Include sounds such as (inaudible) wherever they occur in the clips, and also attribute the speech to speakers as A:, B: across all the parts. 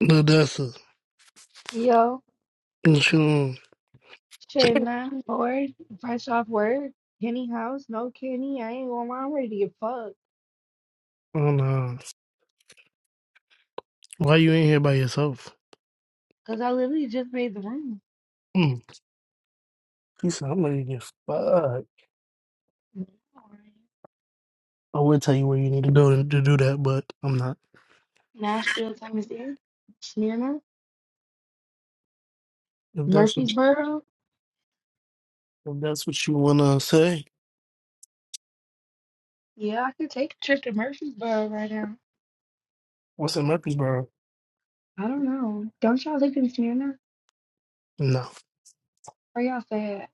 A: Dessa,
B: Yo,
A: what you on?
B: shit, man, bored, fresh off work, Kenny house, no Kenny, I ain't going to lie, I'm ready to get fucked,
A: Oh no. Why you in here by yourself?
B: cause I literally just made the room.
A: Mm. He said, I'm ready to get fucked. I would tell you where you need to go to, to do that, but I'm not.
B: Nashville, Tennessee, Smyrna,
A: If that's what
B: Murfreesboro,
A: if that's what you wanna say,
B: yeah, I could take a trip to Murfreesboro right now.
A: what's in Murfreesboro?
B: I don't know, don't y'all live in Smyrna?
A: No.
B: Where y'all stay at?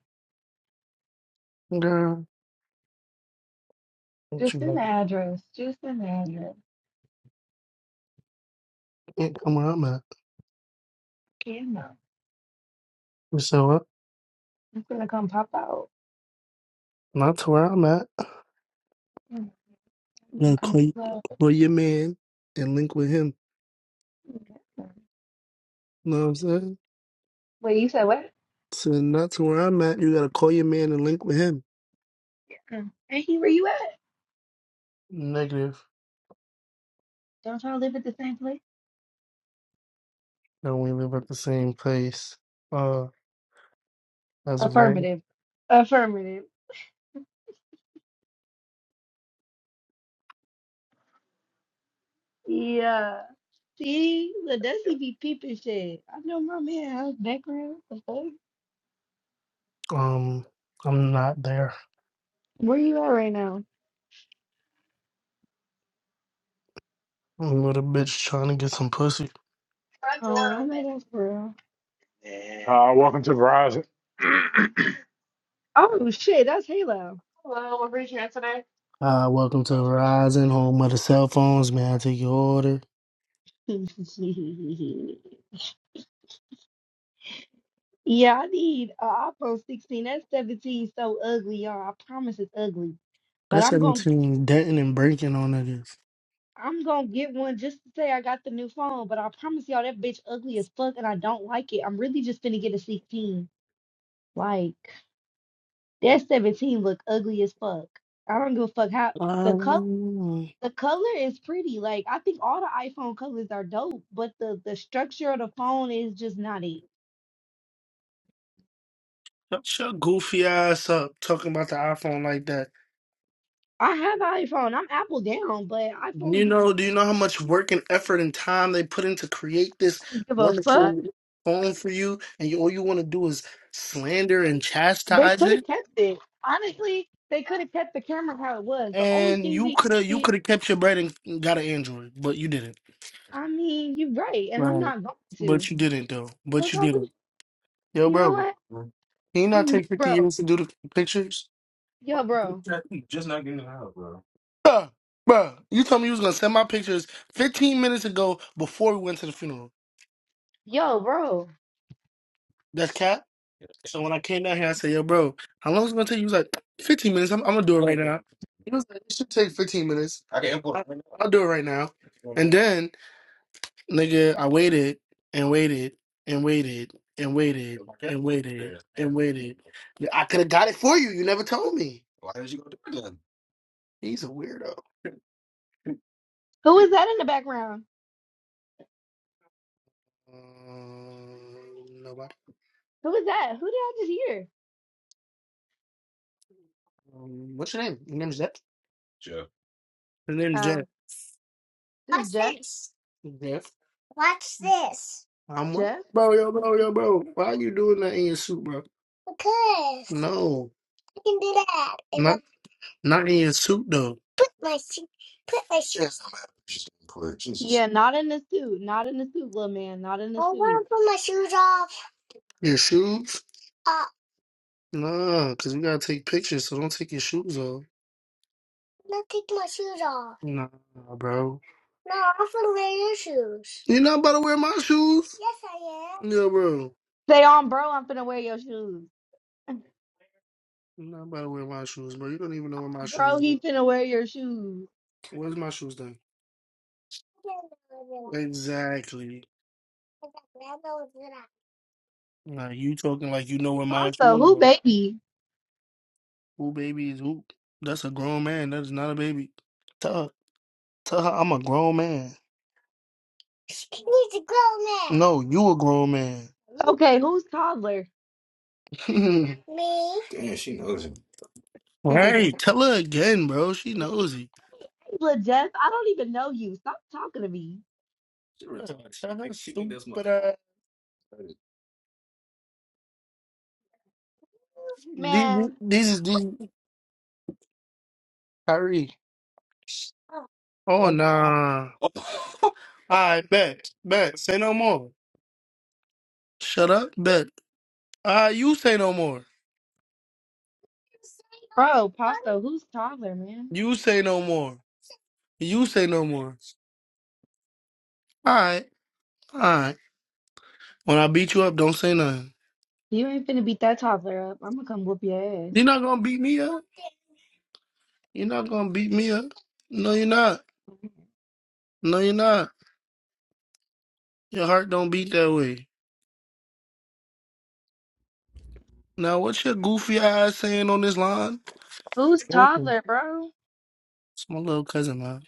A: Girl, don't you
B: Just an
A: like it?
B: address, just an address,
A: can't come where I'm at.
B: can't know.
A: You said what?
B: I'm gonna come pop out.
A: Not to where I'm at.
B: I'm gonna
A: Then
B: come
A: click
B: pop out.
A: for your man and link with him. know what I'm saying?
B: Wait, you said what?
A: So not to where I'm at, you gotta call your man and link with him.
B: Mm. And he, where you at?
A: Negative.
B: Don't y'all live at the same place?
A: that we live at the same place. Uh, that's right.
B: Affirmative. Affirmative. Yeah. See, look, that's he be peeping shit. I know my man house background. The fuck?
A: Um, I'm not there.
B: Where you at right now?
A: I'm with a bitch trying to get some pussy.
C: Front door
B: Oh, I know
C: open.
B: that's real.
C: Uh, welcome to Verizon.
B: Oh shit, that's Halo.
A: Uh, welcome to Verizon, home of the cell phones. May I take your order?
B: (laughs) yeah, I need a iPhone 16. That 17 so ugly, y'all. I promise it's ugly. But
A: That's
B: I'm gonna
A: 17 denting and breaking on niggas.
B: I'm gonna get one just to say I got the new phone. But I promise y'all that bitch ugly as fuck and I don't like it. I'm really just gonna get a 16. Like that 17 look ugly as fuck. I don't give a fuck how the color
A: Um,
B: the color is pretty. Like I think all the iPhone colors are dope, but the the structure of the phone is just not it.
A: shut your goofy ass up talking about the iPhone like that.
B: I have an iPhone. I'm Apple down, but iPhone
A: You
B: didn't
A: know, do you know how much work and effort and time they put in to create this
B: give a fuck.
A: wonderful phone for you? And you, all you want to do is slander and
B: They
A: chastise
B: could
A: it?
B: have kept it. Honestly, they could have kept the camera how it was. The only
A: And
B: thing
A: you
B: they
A: could have you could
B: did,
A: have kept your bread and got an Android, but you didn't.
B: I mean, you're right, and I'm
A: Right.
B: not going to.
A: But you didn't though. But
B: Look,
A: you
B: I would,
A: didn't. Yo,
B: you know
A: bro.
B: what,
A: Can you not
B: (clears throat)
A: take fifty
B: bro,
A: years to do the pictures?
B: yo, bro,
A: Bruh, bruh, you told me you was gonna send my pictures fifteen minutes ago before we went to the funeral.
B: yo, bro.
A: That's cat. So when I came down here, I said, "Yo, bro, how long is it gonna take?" You was like, 15 minutes. I'm, I'm gonna do it right now." It should take fifteen minutes. I'll do it right now. And then Nigga, I waited and waited and waited and waited and waited and waited. I could have got it for you. You never told me.
B: Who is that in the background?
A: Um, nobody.
B: Who was that? Who did I just hear?
A: Um, what's your name? Your name's Jeff. Your name's Jeff.
B: Oh, This
A: What's
B: Jeff.
A: this? Jeff. What's this? I'm what?
B: Jeff.
A: Bro, yo, bro, yo, bro. Why are you doing that in your suit, bro? Because. No. I can do that. Not not in your suit though. Put Put put my my my shoes. shoes
B: yeah, not in the suit. Not in the suit, little man. Not in the suit.
A: I wanna Your shoes? Uh, Nah, cause we gotta take pictures, so don't take your shoes off. Let's take my shoes off. Nah, bro. No, I'm gonna wear your shoes. You're not about to wear my shoes? Yes, I am. Yeah, bro.
B: Say on, bro, I'm finna wear your shoes.
A: You're not about to wear my shoes, bro. You don't even know where
B: On,
A: my
B: bro,
A: shoes
B: he
A: are.
B: finna wear your shoes.
A: Where's my shoes then? I don't know where they are. Exactly. Exactly, I know it's not. Nah, you talking like you know where my
B: Pasta,
A: shoes
B: who
A: are.
B: baby?
A: Who baby is who? That's a grown man. That is not a baby. Tell her, tell her I'm a grown man. He's a grown man. No, you a grown man. You,
B: Okay, who's toddler?
A: (laughs) me.
B: (laughs)
A: right.
B: Little
A: Tell her again, bro. She knows it.
B: Jeff, I don't even know you. Stop talking to me.
A: Tell her stupid ass. These,
B: Man,
A: these is these Kyrie. Oh nah. I bet. Bet. Say no more. Shut up. Bet. Ah, you say no more.
B: bro, Pasta, who's toddler, man?
A: You say no more. You say no more. All right. All right. When I beat you up, don't say nothing.
B: You ain't finna beat that toddler up. I'm gonna come whoop your
A: You're
B: ass.
A: not gonna beat me up. You're not gonna beat me up. No, you're not. No, you're not. Your heart don't beat that way. Now, what's your goofy ass saying on this line?
B: Who's
A: Welcome.
B: toddler, bro?
A: It's my little cousin, man.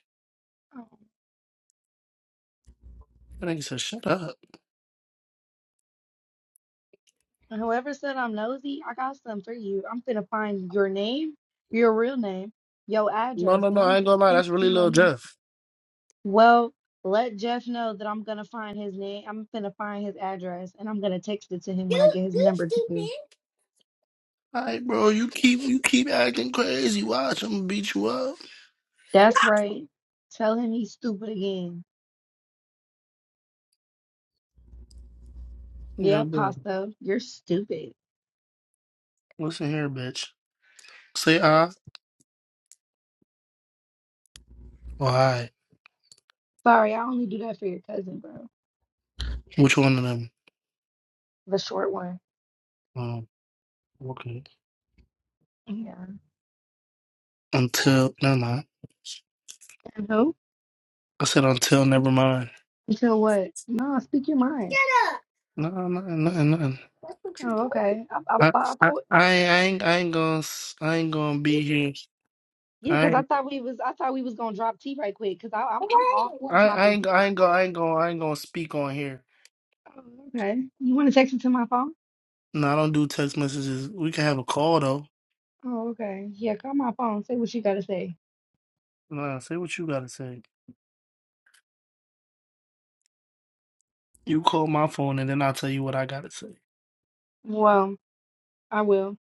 A: That nigga said, shut up.
B: And whoever said I'm nosy, I got something for you. I'm finna find your name, your real name, your
A: No,
B: address,
A: no, no.
B: and
A: I
B: I'm
A: ain't
B: gonna
A: gonna lie.
B: send
A: That's
B: it to
A: really
B: your
A: little
B: name.
A: Jeff.
B: Well, let Jeff know that I'm gonna find his name. I'm finna find his address, and I'm gonna text it to him when I
A: You,
B: get his
A: you
B: number too.
A: stupid. All right, bro. You keep, you keep acting crazy. Watch, I'm gonna beat you up.
B: That's right. Tell him he's stupid again.
A: Yo,
B: Yeah,
A: bro.
B: Pasto, you're stupid.
A: Listen here, bitch. Say I or I.
B: Sorry, I only do that for your cousin, bro.
A: Which one of them?
B: The short one.
A: Um, okay.
B: Yeah.
A: Until, no, no.
B: And who?
A: I said until, never mind.
B: Until what? No, speak your mind.
A: No, nothing, nothing, nothing.
B: Oh, okay. I, I,
A: I,
B: I
A: I,
B: thought.
A: I ain't, I ain't gonna, s- I ain't gonna be here.
B: Yeah,
A: I,
B: because I
A: ain't-
B: thought we was I thought we was gonna drop T right quick because I'm I'm all for
A: I, I
B: dropping
A: ain't, I
B: T.
A: ain't gonna, I ain't gonna, I ain't gonna speak on here.
B: Oh, okay. You want to text it to my phone?
A: No, I don't do text messages. We can have a call though.
B: Oh, okay. Yeah, call my phone. Say what you gotta say.
A: Nah, say what you gotta say. You call my phone and then I'll tell you what I gotta say.
B: Well, I will.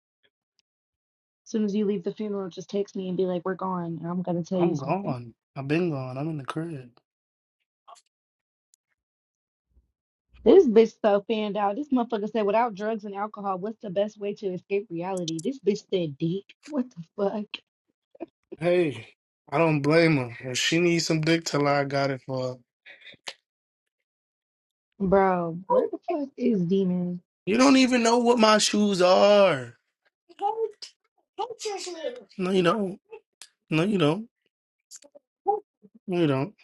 B: As soon as you leave the funeral, just text me and be like, "We're gone. and I'm gonna tell you
A: I'm
B: something.
A: gone. I've been gone. I'm in the crib.
B: This bitch so fanned out. This motherfucker said, "Without drugs and alcohol, what's the best way to escape reality?" This bitch said, "Deek." What the fuck,
A: Hey, I don't blame her. If she needs some dick till I got it for her.
B: bro? Where the fuck is Demon?
A: You don't even know what my shoes are. No, you don't. No, you don't. No, you don't.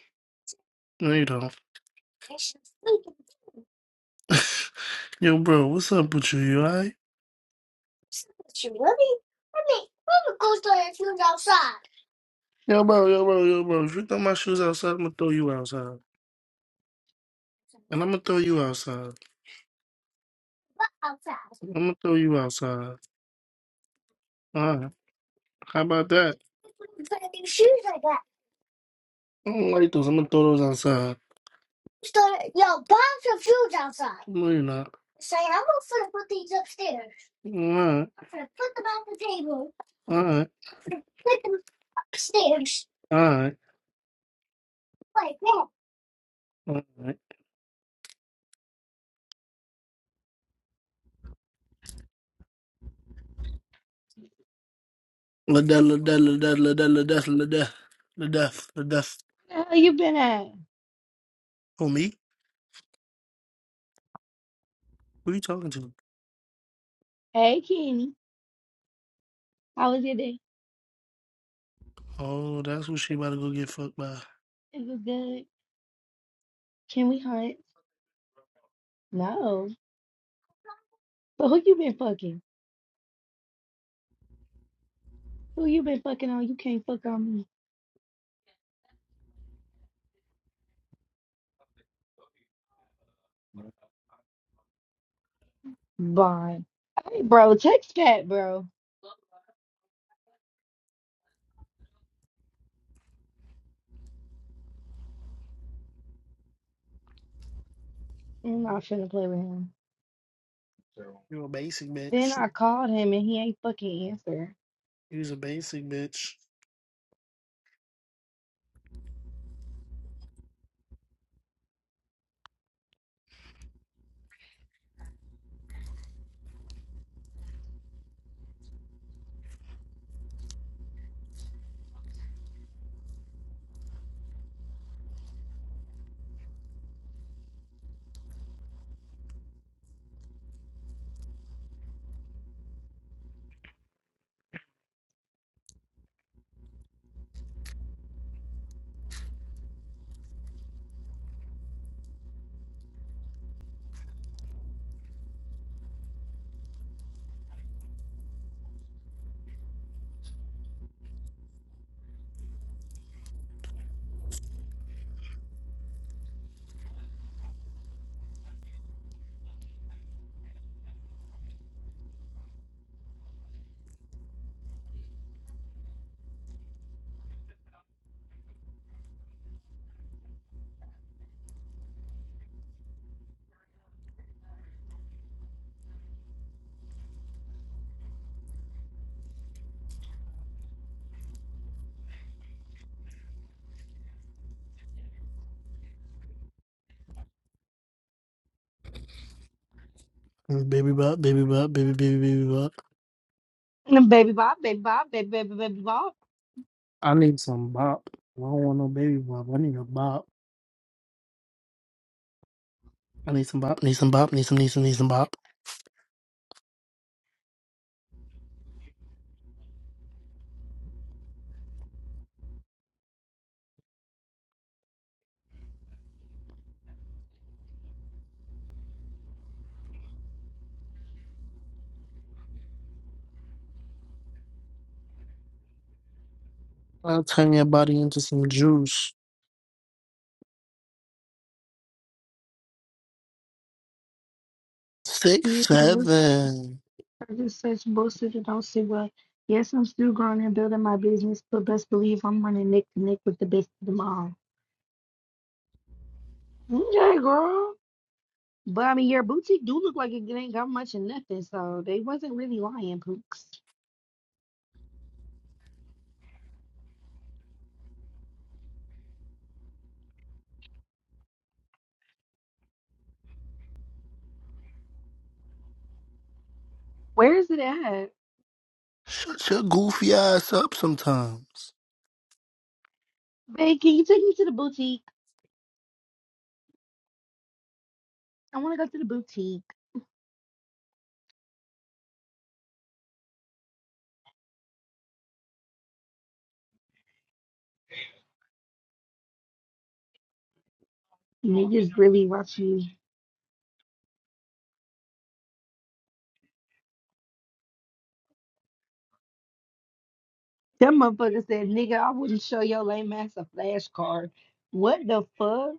A: No, you don't. (laughs) Yo, bro, what's up with you? You alright? Yo, bro, yo, bro, yo, bro. If you throw my shoes outside, I'm gonna throw you outside. And I'm gonna throw you outside. I'm gonna throw you outside. Alright. How about that? I don't like those. I'm gonna throw those outside. Start, yo, Bob's refused outside. No, you're not. Say, I'm gonna put these upstairs. All right. I'm gonna put them on the table. All right. Put them upstairs. All right. Like that. All right. La da la da la da la da la da la da la da la da.
B: Where the hell you been at?
A: Who me? Who you talking to?
B: Hey, Kenny. How was your day?
A: Oh, that's who she about to go get fucked by.
B: It was good. Can we hunt? No. But who you been fucking? Who you been fucking on? You can't fuck on me. Bye. Hey, bro, text Pat, bro. I'm not finna play with him.
A: You a basic
B: Then
A: bitch.
B: I called him and he ain't fucking answer.
A: You's a basic bitch. Mm, Baby bop, baby bop, baby baby baby bop.
B: And Baby Bob, baby Bob, baby, baby, baby Bob.
A: I need some bop. I don't want no baby bop. I need a bop. I need some bop, need some bop, need some, need some, need some bop. I'll turn your body into some juice.
B: Yeah,
A: Six,
B: it was
A: seven.
B: I just such bullshit and don't see what. Yes, I'm still growing and building my business, but best believe I'm running neck to neck with the best of them all. Okay, girl. But I mean, your boutique do look like it ain't got much in nothing, so they wasn't really lying, Pooks. Where is it at?
A: Shut your goofy ass up sometimes.
B: Babe, can you take me to the boutique? I want to go to the boutique. Niggas really watch you. That motherfucker said, nigga, I wouldn't show your lame ass a flashcard. What the fuck?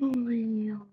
B: For real.